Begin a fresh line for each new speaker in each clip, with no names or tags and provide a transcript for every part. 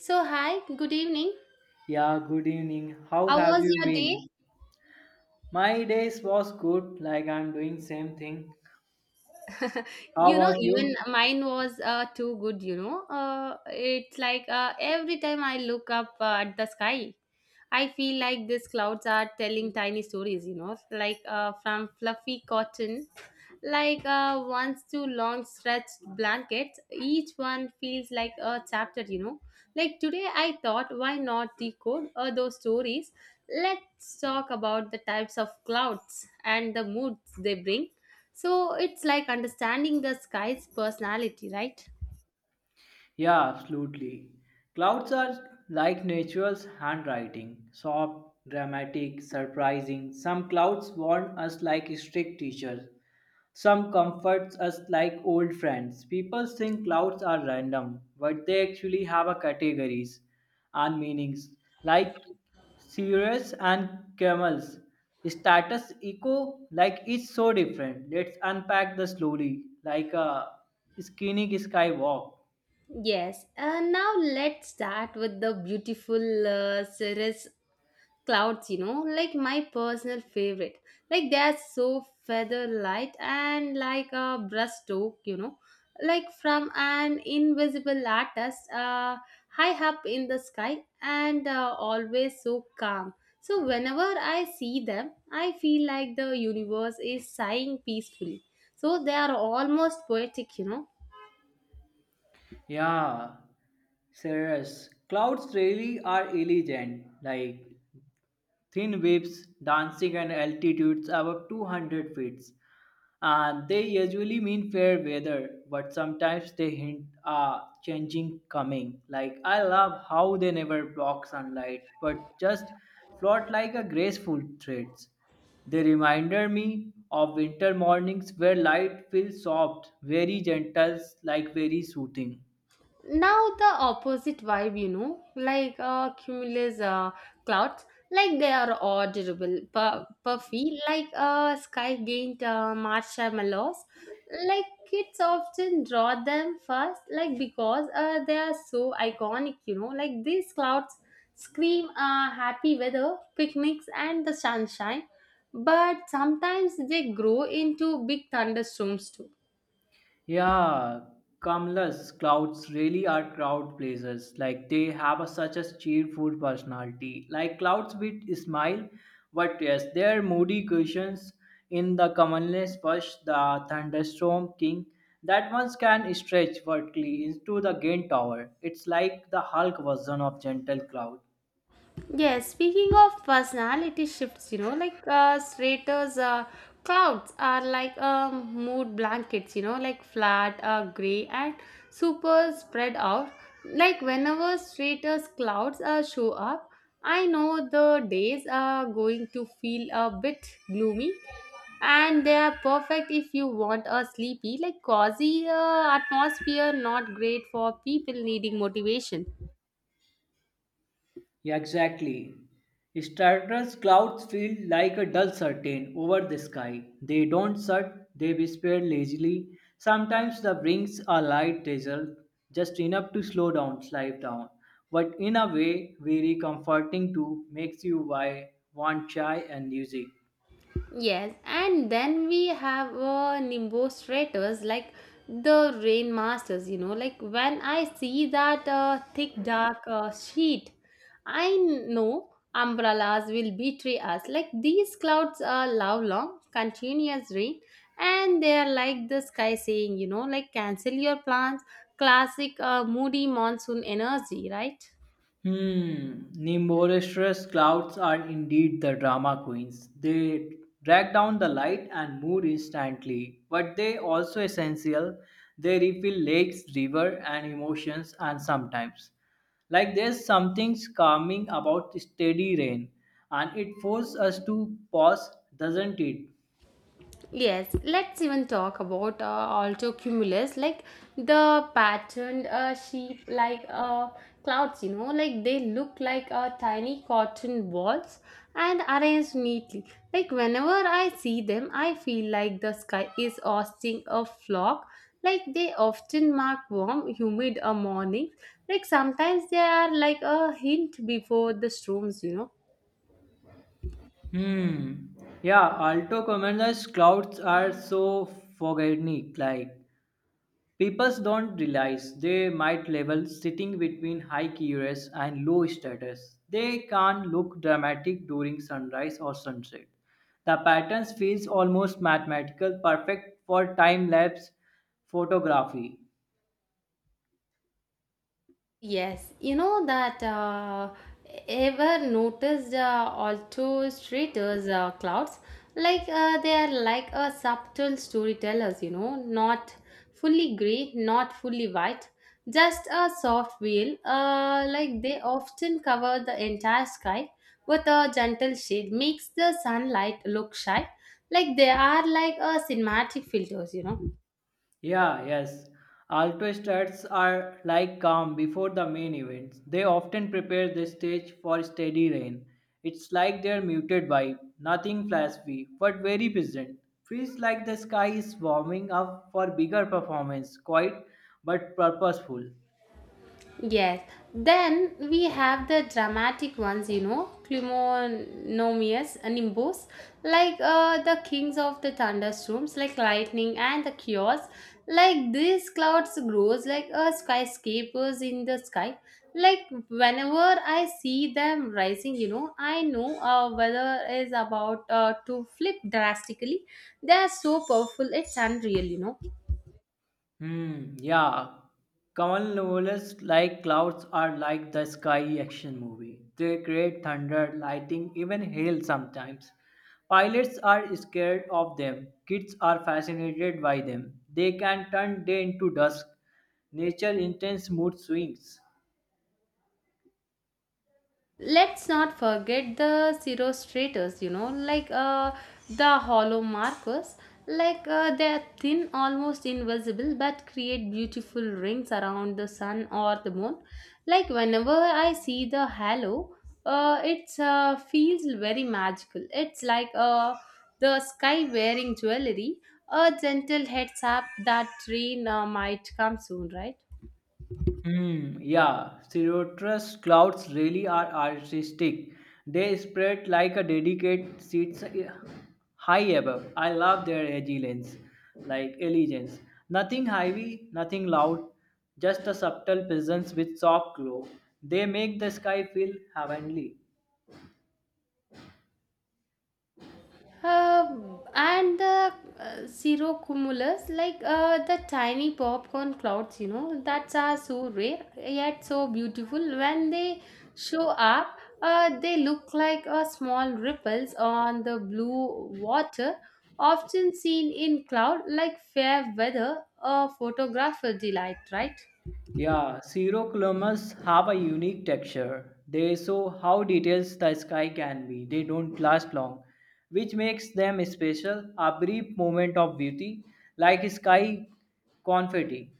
So, hi, good evening.
Yeah, good evening. How
How
have
was
you
your day?
been? My days was good, like I'm doing same thing. How about
Even
you?
mine was too good. It's like every time I look up at the sky, I feel like these clouds are telling tiny stories, from fluffy cotton, like once two long stretched blankets. Each one feels like a chapter. Like today I thought, why not decode those stories? Let's talk about the types of clouds and the moods they bring. So it's like understanding the sky's personality, right?
Yeah, absolutely. Clouds are like nature's handwriting, soft, dramatic, surprising. Some clouds warn us like strict teachers. Some comforts us like old friends. People think clouds are random, but they actually have a categories and meanings like cirrus and camels. Status eco like it's so different. Let's unpack the slowly like a skinny skywalk.
Yes, and now let's start with the beautiful cirrus clouds, you know, like my personal favorite. Like they are so feather light and like a brushstroke, you know, like from an invisible artist high up in the sky, and always so calm. So whenever I see them, I feel like the universe is sighing peacefully. So they are almost poetic,
Yeah, serious clouds really are elegant. Like thin waves dancing at altitudes above 200 feet. And they usually mean fair weather, but sometimes they hint a changing coming. Like I love how they never block sunlight, but just float like a graceful threads. They reminded me of winter mornings where light feels soft, very gentle, like very soothing.
now the opposite vibe, like cumulus clouds. Like they are audible puffy, like sky gained marshmallows. Like kids often draw them first, like because they are so iconic, you know. Like these clouds scream happy weather, picnics, and the sunshine, but sometimes they grow into big thunderstorms too.
Yeah, Kamala's clouds really are crowd pleasers. Like they have a, such a cheerful personality. Like clouds with smile, but yes, their moody cushions in the commonest bush, the thunderstorm king, that ones can stretch vertically into the gain tower. It's like the Hulk version of gentle cloud.
Yes, speaking of personality shifts, you know, like straighters, clouds are like mood blankets, you know, like flat, gray, and super spread out. Like whenever straighters clouds show up, I know the days are going to feel a bit gloomy, and they are perfect if you want a sleepy, like cozy atmosphere, not great for people needing motivation.
Yeah, exactly. Stratus clouds feel like a dull curtain over the sky. They don't shut, they whisper lazily. Sometimes the brings a light drizzle, just enough to slow down, life down. But in a way, very comforting too, makes you why want chai and music.
Yes, and then we have Nimbostrators, like the rain masters, you know. Like when I see that thick dark sheet, I know umbrellas will betray us. Like these clouds are love long, continuous rain, and they are like the sky saying, you know, like cancel your plans. Classic moody monsoon energy, right?
Hmm, Nimborestress clouds are indeed the drama queens. They drag down the light and mood instantly, but they also essential. They refill lakes, river, and emotions, and sometimes, like there's something calming about steady rain, and it forces us to pause, doesn't it?
Yes, let's even talk about also cumulus, like the patterned sheep, like clouds, you know. Like they look like tiny cotton balls and arranged neatly. Like whenever I see them, I feel like the sky is hosting a flock. Like they often mark warm, humid mornings. Like sometimes they are like a hint before the storms.
Hmm. Yeah, alto commoners clouds are so forgetting, like people don't realize they might level sitting between high QRS and low status. They can look dramatic during sunrise or sunset. The patterns feels almost mathematical, perfect for time lapse photography.
Yes, you know that ever noticed alto streeters clouds, like they are like a subtle storytellers, you know, not fully gray, not fully white, just a soft veil. Like they often cover the entire sky with a gentle shade, makes the sunlight look shy. Like they are like a cinematic filters,
Yeah, yes. Alto starts are like calm before the main events. They often prepare the stage for steady rain. It's like their muted vibe, nothing flashy, but very present. Feels like the sky is warming up for bigger performance, quiet but purposeful.
Yes. Then we have the dramatic ones, you know, Climonomius and Nimbus, like the kings of the thunderstorms, like lightning and the chaos. Like these clouds grows like skyscrapers in the sky. Like whenever I see them rising, you know, I know weather is about to flip drastically. They are so powerful, it's unreal,
Hmm, yeah. Kamal novels like clouds are like the Sky action movie. They create thunder, lightning, even hail sometimes. Pilots are scared of them. Kids are fascinated by them. They can turn day into dusk. Nature intense mood swings.
Let's not forget the cirrostrators, you know, like the hollow markers. Like they're thin, almost invisible, but create beautiful rings around the sun or the moon. Like whenever I see the halo, it feels very magical. It's like the sky wearing jewelry, a gentle heads up that rain might come soon, right?
Hmm. Yeah, cirrhosis clouds really are artistic. They spread like a delicate seeds high above. I love their elegance, like elegance. Nothing heavy, nothing loud, just a subtle presence with soft glow. They make the sky feel heavenly.
And the cirrocumulus, like the tiny popcorn clouds, you know, that are so rare yet so beautiful. When they show up, they look like small ripples on the blue water, often seen in cloud, like fair weather, a photographer delight, right?
Yeah, cirrocolumbus have a unique texture. They show how detailed the sky can be. They don't last long, which makes them special. A brief moment of beauty, like sky confetti.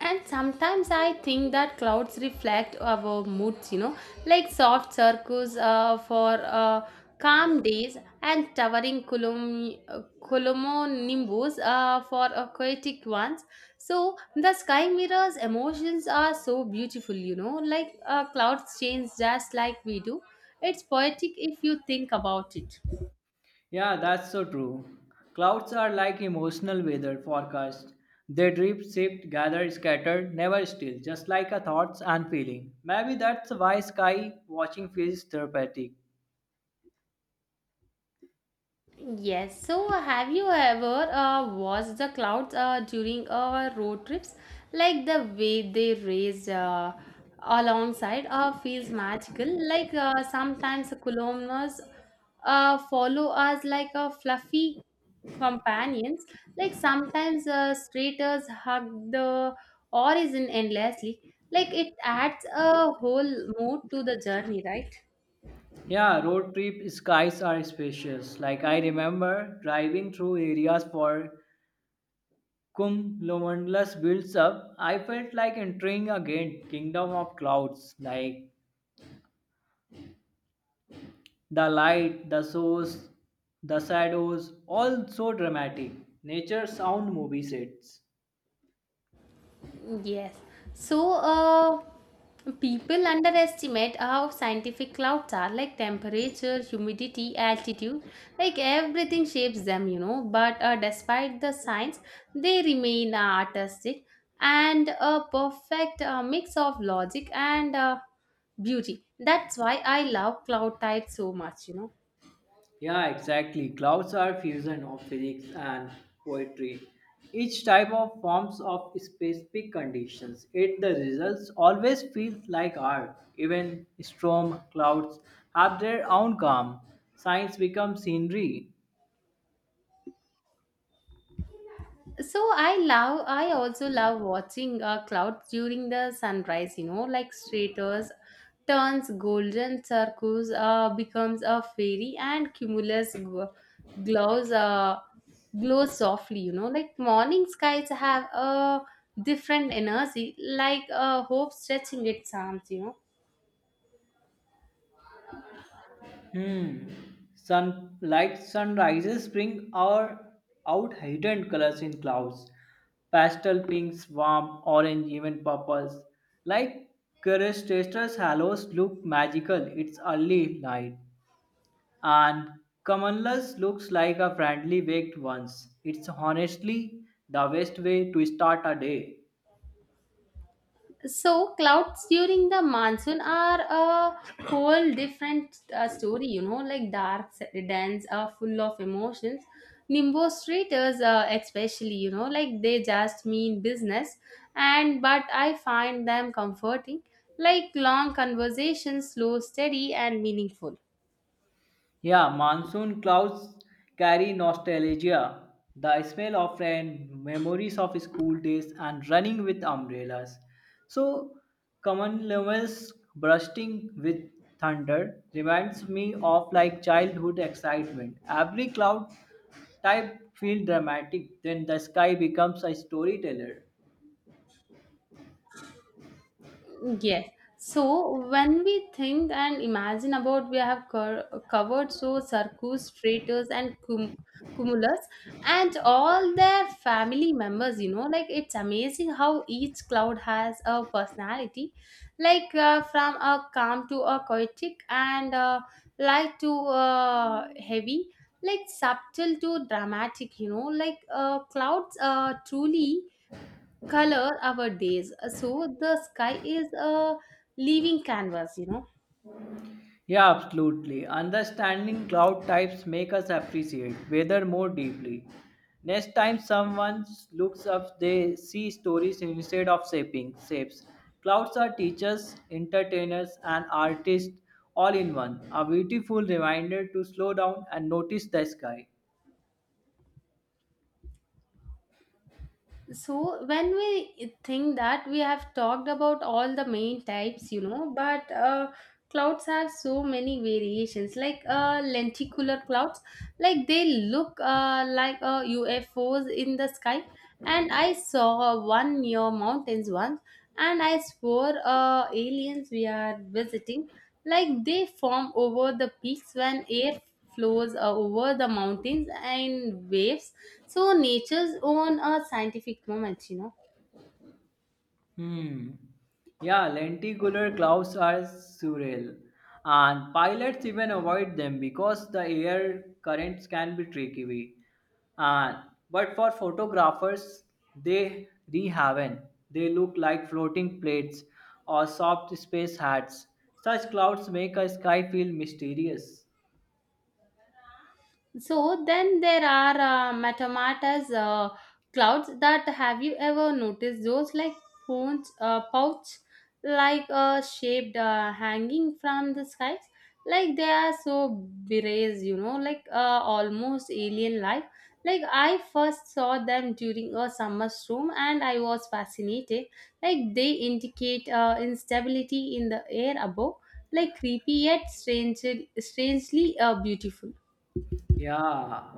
And sometimes I think that clouds reflect our moods, you know, like soft circles for calm days and towering cumulonimbus for aquatic ones. So the sky mirrors emotions are so beautiful, you know, like clouds change just like we do. It's poetic if you think about it.
Yeah, that's so true. Clouds are like emotional weather forecast. They drip, shift, gather, scatter, never still, just like a thoughts and feeling. Maybe that's why sky watching feels therapeutic.
Yes. So, have you ever watched the clouds during our road trips? Like the way they raised alongside feels magical. Like sometimes the columns follow us like a fluffy companions. Like sometimes straighters hug the horizon endlessly. Like it adds a whole mood to the journey, right?
Yeah, road trip skies are spacious. Like I remember driving through areas for Kum Lomondlas builds up. I felt like entering again kingdom of clouds. Like the light, the source, the shadows, all so dramatic. Nature sound movie sets.
Yes. So, people underestimate how scientific clouds are, like temperature, humidity, altitude, like everything shapes them, you know. But despite the science, they remain artistic and a perfect mix of logic and beauty. That's why I love cloud types so much, you know.
Yeah, exactly. Clouds are fusion of physics and poetry. Each type of forms of specific conditions. Yet the results always feels like art. Even storm clouds have their own calm. Science becomes scenery.
So I also love watching clouds during the sunrise, you know, like straighters turns golden, circles becomes a fairy, and cumulus glows glow softly, you know. Like morning skies have a different energy, like a hope stretching its arms,
Hmm. Sunlight sunrises bring our out hidden colors in clouds. Pastel pinks, warm orange, even purples. Like Curistatus halos look magical. It's early light. And Camelus looks like a friendly baked once. It's honestly the best way to start a day.
So clouds during the monsoon are a whole different story, you know, like dark, dense, full of emotions. Nimbo streeters, especially, you know, like they just mean business, and but I find them comforting, like long conversations, slow, steady, and meaningful.
Yeah, monsoon clouds carry nostalgia, the smell of rain, memories of school days, and running with umbrellas. So, common levels bursting with thunder reminds me of like childhood excitement. Every cloud type feels dramatic, then the sky becomes a storyteller.
Yes. So when we think and imagine about, we have covered so circus, traitors, and cumulus and all their family members, you know. Like it's amazing how each cloud has a personality, like from a calm to a chaotic, and light to heavy, like subtle to dramatic, you know. Like clouds truly color our days. So the sky is a living canvas,
Yeah, absolutely. Understanding cloud types make us appreciate weather more deeply. Next time someone looks up, they see stories instead of shaping shapes. Clouds are teachers, entertainers, and artists all in one. A beautiful reminder to slow down and notice the sky.
so when we think that we have talked about all the main types, you know, but clouds have so many variations, like lenticular clouds, like they look like ufos in the sky. And I saw one near mountains once, and I swore aliens we are visiting. Like they form over the peaks when air flows over the mountains and waves. So nature's own a scientific moment,
Hmm. Yeah, lenticular clouds are surreal, and pilots even avoid them because the air currents can be tricky. And but for photographers, they rehaven. They look like floating plates or soft space hats. Such clouds make a sky feel mysterious.
So then there are metamatas clouds that, have you ever noticed those, like phones pouch like shaped hanging from the skies? Like they are so berets, you know, like almost alien like. Like I first saw them during a summer storm and I was fascinated. Like they indicate instability in the air above. Like creepy yet strangely beautiful.
Yeah,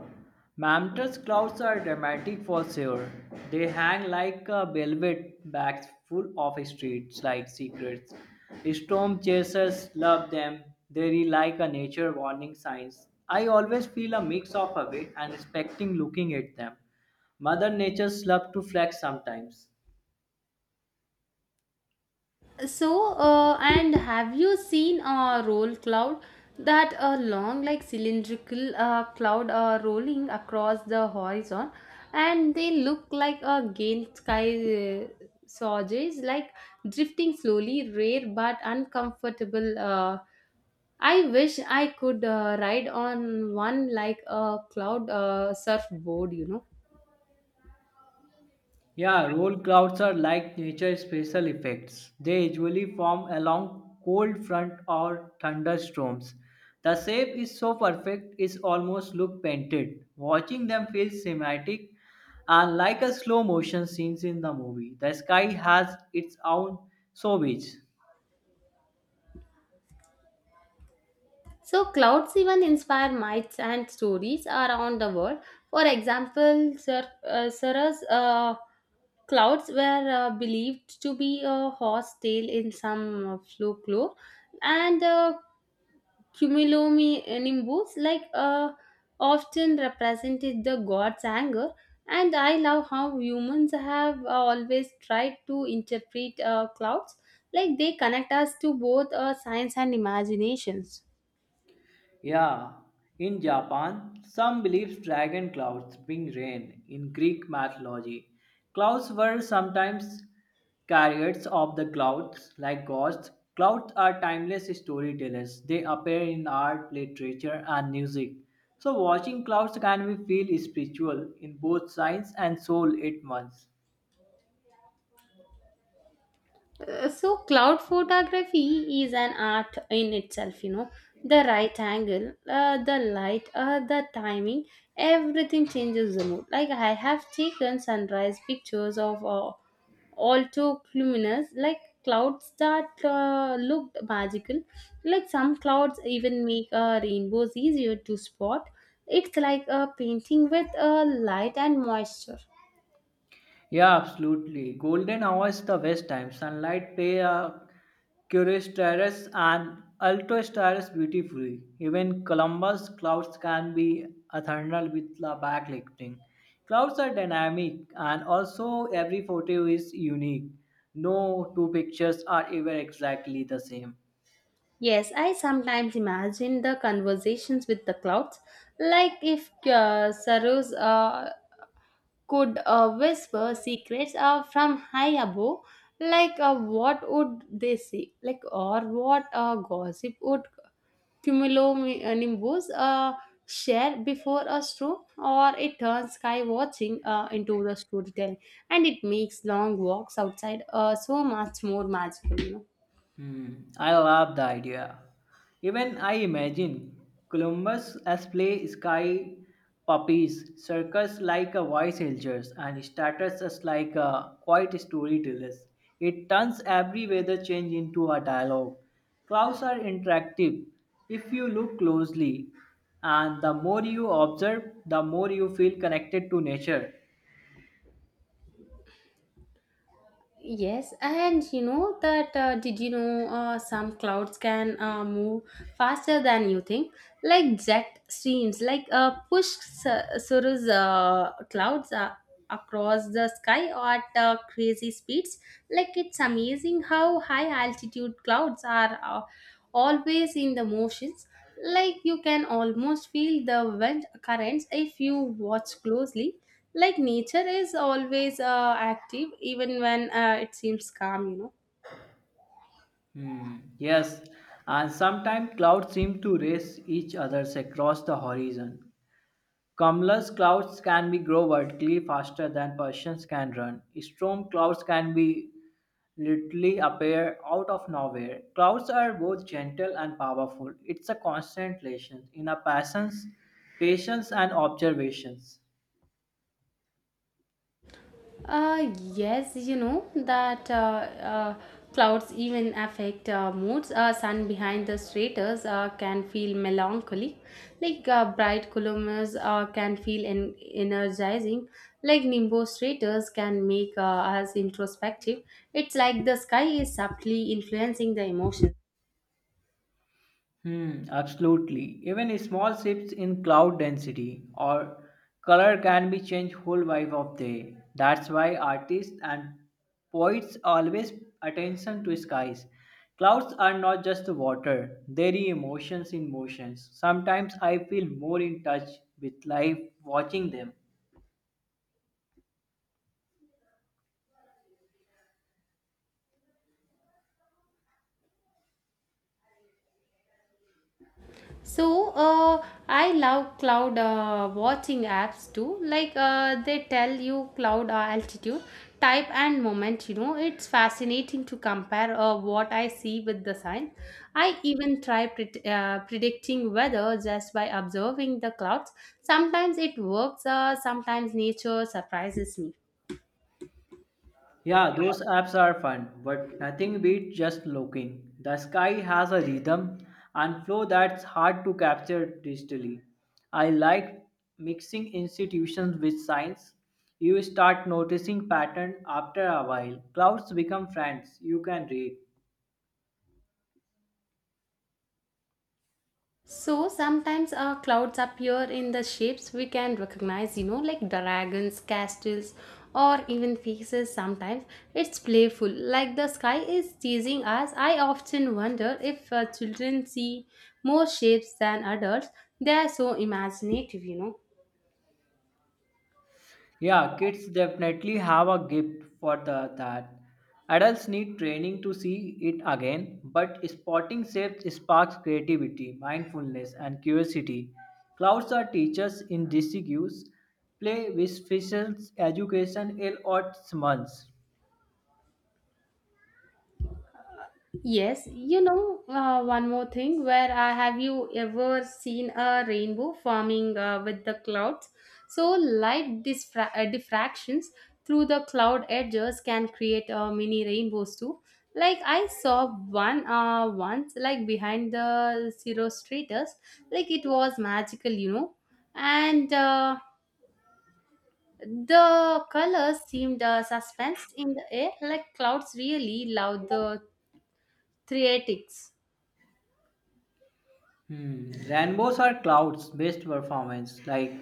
mammoth clouds are dramatic for sure. They hang like a velvet bags full of streets like secrets. Storm chasers love them. They read like a nature warning signs. I always feel a mix of awe and expecting looking at them. Mother Nature's love to flex sometimes.
So, and have you seen a roll cloud? That a long, like cylindrical cloud rolling across the horizon, and they look like a gale sky sausages, like drifting slowly, rare but uncomfortable. I wish I could ride on one like a cloud surfboard, you know.
Yeah, roll clouds are like nature's special effects. They usually form along cold front or thunderstorms. The shape is so perfect it almost look painted. Watching them feels cinematic and like a slow motion scenes in the movie. The sky has its own showbiz.
So, clouds even inspire myths and stories around the world. For example, Sir, Sarah's clouds were believed to be a horse tail in some folklore, and cumulonimbus, like often represented the god's anger. And I love how humans have always tried to interpret clouds, like they connect us to both science and imaginations.
Yeah, in Japan, some believe dragon clouds bring rain. In Greek mythology, clouds were sometimes carriers of the clouds, like gods. Clouds are timeless storytellers. They appear in art, literature, and music. So, watching clouds can be feel spiritual in both science and soul at once.
So cloud photography is an art in itself, you know. The right angle, the light, the timing, everything changes the mood. Like I have taken sunrise pictures of alto luminous like clouds that looked magical. Like some clouds even make rainbows easier to spot. It's like a painting with light and moisture.
Yeah, absolutely. Golden hour is the best time. Sunlight play a curious terrace and ultra stars beautifully. Even Columbus clouds can be a thunder with the backlighting. Clouds are dynamic and also every photo is unique. No two pictures are ever exactly the same.
Yes, I sometimes imagine the conversations with the clouds, like if Sarus could whisper secrets from high above, like what would they say, like, or what gossip would cumulonimbus share before a storm. Or it turns sky watching into the storytelling, and it makes long walks outside so much more magical, you know.
Hmm, I love the idea. Even I imagine Columbus as play sky puppies, circus like a voice angels, and starters as like a quiet storytellers. It turns every weather change into a dialogue. Clouds are interactive if you look closely, and the more you observe, the more you feel connected to nature.
Yes, and you know that did you know some clouds can move faster than you think, like jet streams, like push Suru's clouds across the sky at crazy speeds. Like it's amazing how high altitude clouds are always in the motions. Like you can almost feel the wind currents if you watch closely. Like nature is always active even when it seems calm,
Hmm. Yes, and sometimes clouds seem to race each others across the horizon. Cumulus clouds can be grow vertically faster than Persians can run. Storm clouds can be literally appear out of nowhere. Clouds are both gentle and powerful. It's a constant lesson in a patience and observations.
yes, you know that uh clouds even affect moods. Sun behind the stratus can feel melancholy, like bright columbus can feel energizing, like nimbus stratus can make us introspective. It's like the sky is subtly influencing the emotions.
Hmm, absolutely. Even small shifts in cloud density or color can be changed whole vibe of day. That's why artists and poets always attention to skies. Clouds are not just water; they are emotions in motions. Sometimes I feel more in touch with life watching them.
So I love cloud watching apps too. Like they tell you cloud altitude, type, and moment. You know, it's fascinating to compare what I see with the sign. I even try predicting weather just by observing the clouds. Sometimes it works. Sometimes nature surprises me.
Yeah, those apps are fun, but nothing beats just looking. The sky has a rhythm and flow that's hard to capture digitally. I like mixing institutions with science. You start noticing pattern after a while. Clouds become friends you can read.
So sometimes our clouds appear in the shapes we can recognize, you know, like dragons, castles, or even faces. Sometimes it's playful, like the sky is teasing us. I often wonder if children see more shapes than adults. They are so imaginative, you know.
Yeah, kids definitely have a gift for the, that. Adults need training to see it again, but spotting shapes sparks creativity, mindfulness, and curiosity. Clouds are teachers in disguise. Play with fishes, education, ill or smuts.
Yes, you know, one more thing. Where Have you ever seen a rainbow forming with the clouds? So, diffractions through the cloud edges can create mini rainbows too. Like, I saw one once, like behind the zero stratus, like it was magical, you know, and the colors seemed suspensed in the air, like clouds really love the theatrics.
Hmm. Rainbows are clouds based performance like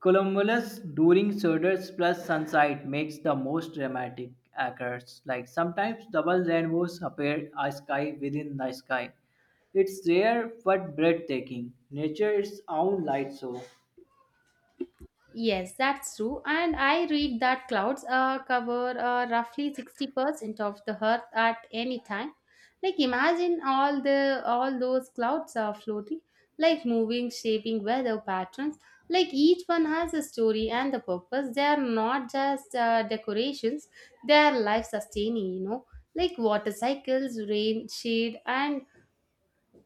cumulus during shoulders plus sunset makes the most dramatic occurs like sometimes double rainbows appear a sky within the sky. It's rare but breathtaking. Nature its own light show.
Yes, that's true. And I read that clouds cover roughly 60% of the earth at any time. Like imagine all those clouds are floating, like moving, shaping weather patterns. Like each one has a story and a purpose. They are not just decorations, they are life sustaining, you know. Like water cycles, rain, shade, and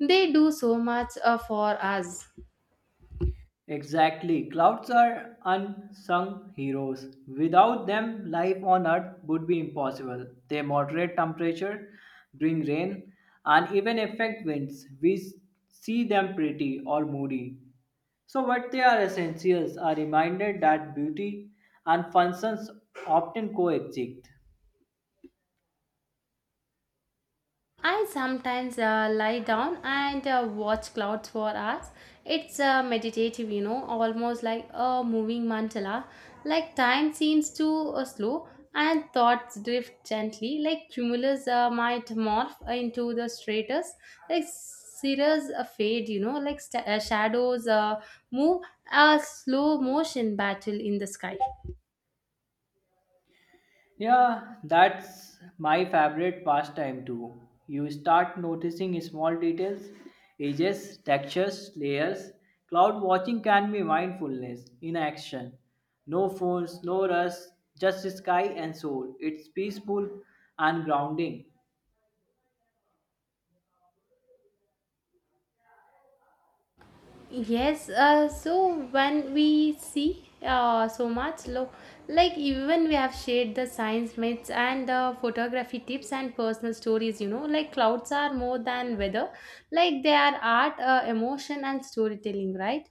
they do so much for us.
Exactly. Clouds are unsung heroes. Without them, life on Earth would be impossible. They moderate temperature, bring rain, and even affect winds. See them pretty or moody. So, what they are essentials are reminded that beauty and functions often coexist.
I sometimes lie down and watch clouds for hours. It's meditative, you know, almost like a moving mandala. Like time seems to slow and thoughts drift gently, like cumulus might morph into the stratus, like cirrus fade, you know, like shadows move a slow motion battle in the sky.
Yeah, that's my favorite pastime too. You start noticing small details, edges, textures, layers. Cloud watching can be mindfulness in action. No phones, no rush, just sky and soul. It's peaceful and grounding.
Yes, so when we see so much love, like even we have shared the science myths and the photography tips and personal stories, you know, like clouds are more than weather, like they are art, emotion, and storytelling, right?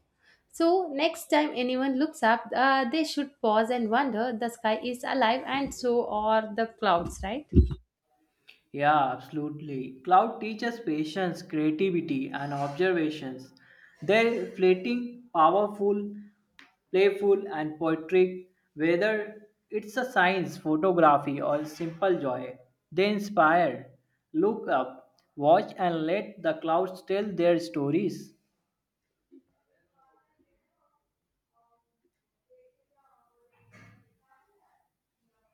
So next time anyone looks up, they should pause and wonder the sky is alive and so are the clouds, right?
Yeah, absolutely. Cloud teaches patience, creativity, and observations. Their fleeting, powerful, playful, and poetic, whether it's a science, photography, or simple joy, they inspire. Look up, watch, and let the clouds tell their stories.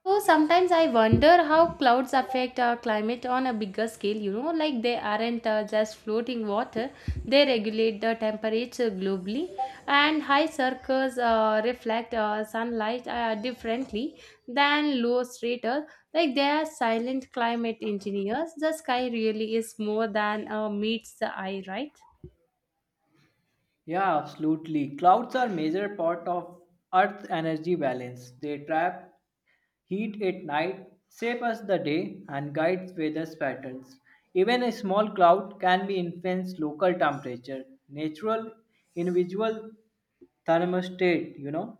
So sometimes I wonder how clouds affect our climate on a bigger scale. You know, like they aren't just floating water; they regulate the temperature globally, and high circles reflect sunlight differently than low strata. Like they are silent climate engineers. The sky really is more than meets the eye, right?
Yeah, absolutely. Clouds are major part of Earth's energy balance. They trap heat at night shapes the day and guides weather patterns. Even a small cloud can be influence local temperature, natural individual thermostat, you know.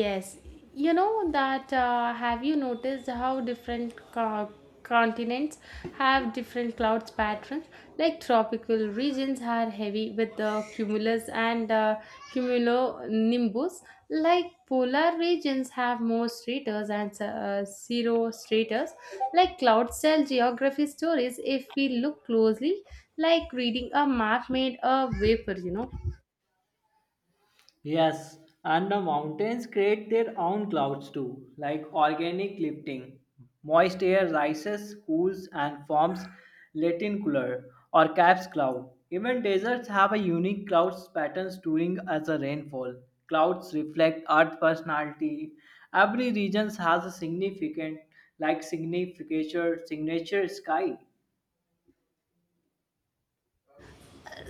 Yes, you know that. Have you noticed how different continents have different clouds patterns? Like tropical regions are heavy with the cumulus and cumulonimbus. Like polar regions have more stratus and zero stratus. Like clouds tell geography stories if we look closely, like reading a map made a vapor. You know.
Yes, and the mountains create their own clouds too, like organic lifting. Moist air rises, cools, and forms Latin cooler or caps cloud. Even deserts have a unique clouds patterns during as a rainfall. Clouds reflect Earth personality. Every region has a significant, like significature, signature sky.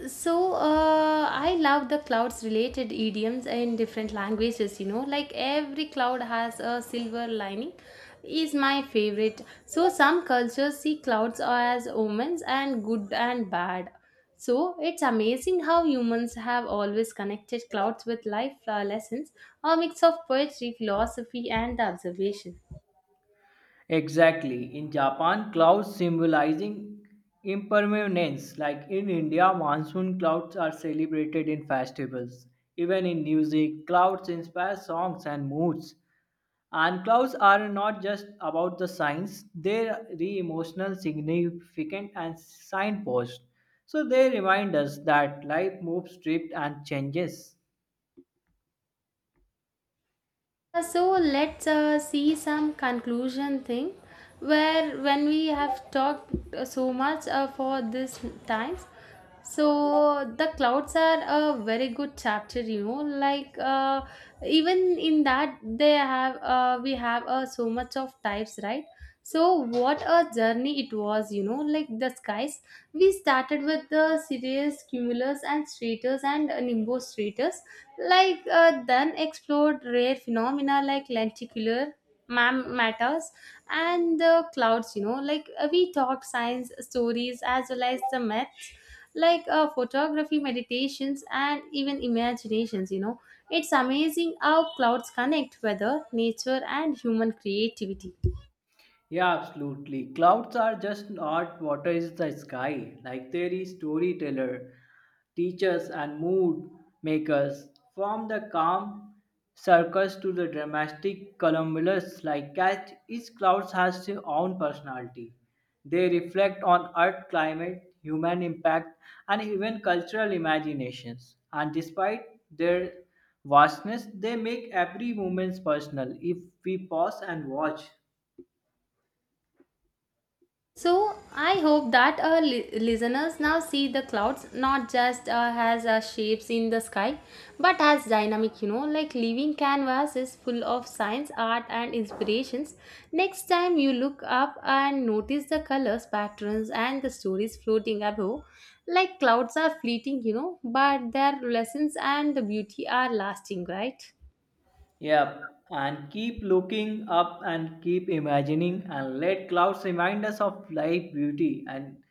So I love the clouds related idioms in different languages, you know, like every cloud has a silver lining is my favorite. So some cultures see clouds as omens and good and bad. So it's amazing how humans have always connected clouds with life lessons, a mix of poetry philosophy and observation.
Exactly. In Japan, clouds symbolizing impermanence. Like in India, monsoon clouds are celebrated in festivals. Even in music, clouds inspire songs and moods. And clouds are not just about the signs, they are emotional, significant, and signposts. So they remind us that life moves, drifts, and changes.
So let's see some conclusion thing where when we have talked so much for this times. So the clouds are a very good chapter, you know, like even in that they have we have so much of types, right? So what a journey it was, you know, like the skies, we started with the cirrus cumulus and stratus and nimbus stratus, like then explored rare phenomena like lenticular matters and the clouds, you know, like we talked science stories as well as the myths, like photography meditations and even imaginations, you know, it's amazing how clouds connect weather nature and human creativity.
Yeah, absolutely. Clouds are just not what is the sky. Like there is storyteller, teachers and mood makers. From the calm circus to the dramatic columbus like cat, each cloud has their own personality. They reflect on earth climate, human impact, and even cultural imaginations. And despite their vastness, they make every moment personal if we pause and watch.
So I hope that our listeners now see the clouds not just as shapes in the sky, but as dynamic. You know, like living canvases full of science, art, and inspirations. Next time you look up and notice the colors, patterns, and the stories floating above. Like clouds are fleeting, you know, but their lessons and the beauty are lasting, right?
Yep, and keep looking up and keep imagining and let clouds remind us of life, beauty, and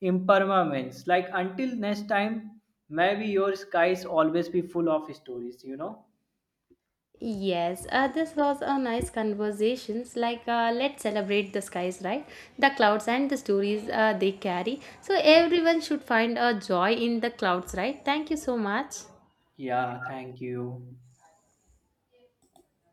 impermanence. Like until next time, maybe your skies always be full of stories, you know?
Yes, this was a nice conversations. Like, let's celebrate the skies, right? The clouds and the stories they carry. So everyone should find a joy in the clouds, right? Thank you so much.
Yeah, thank you.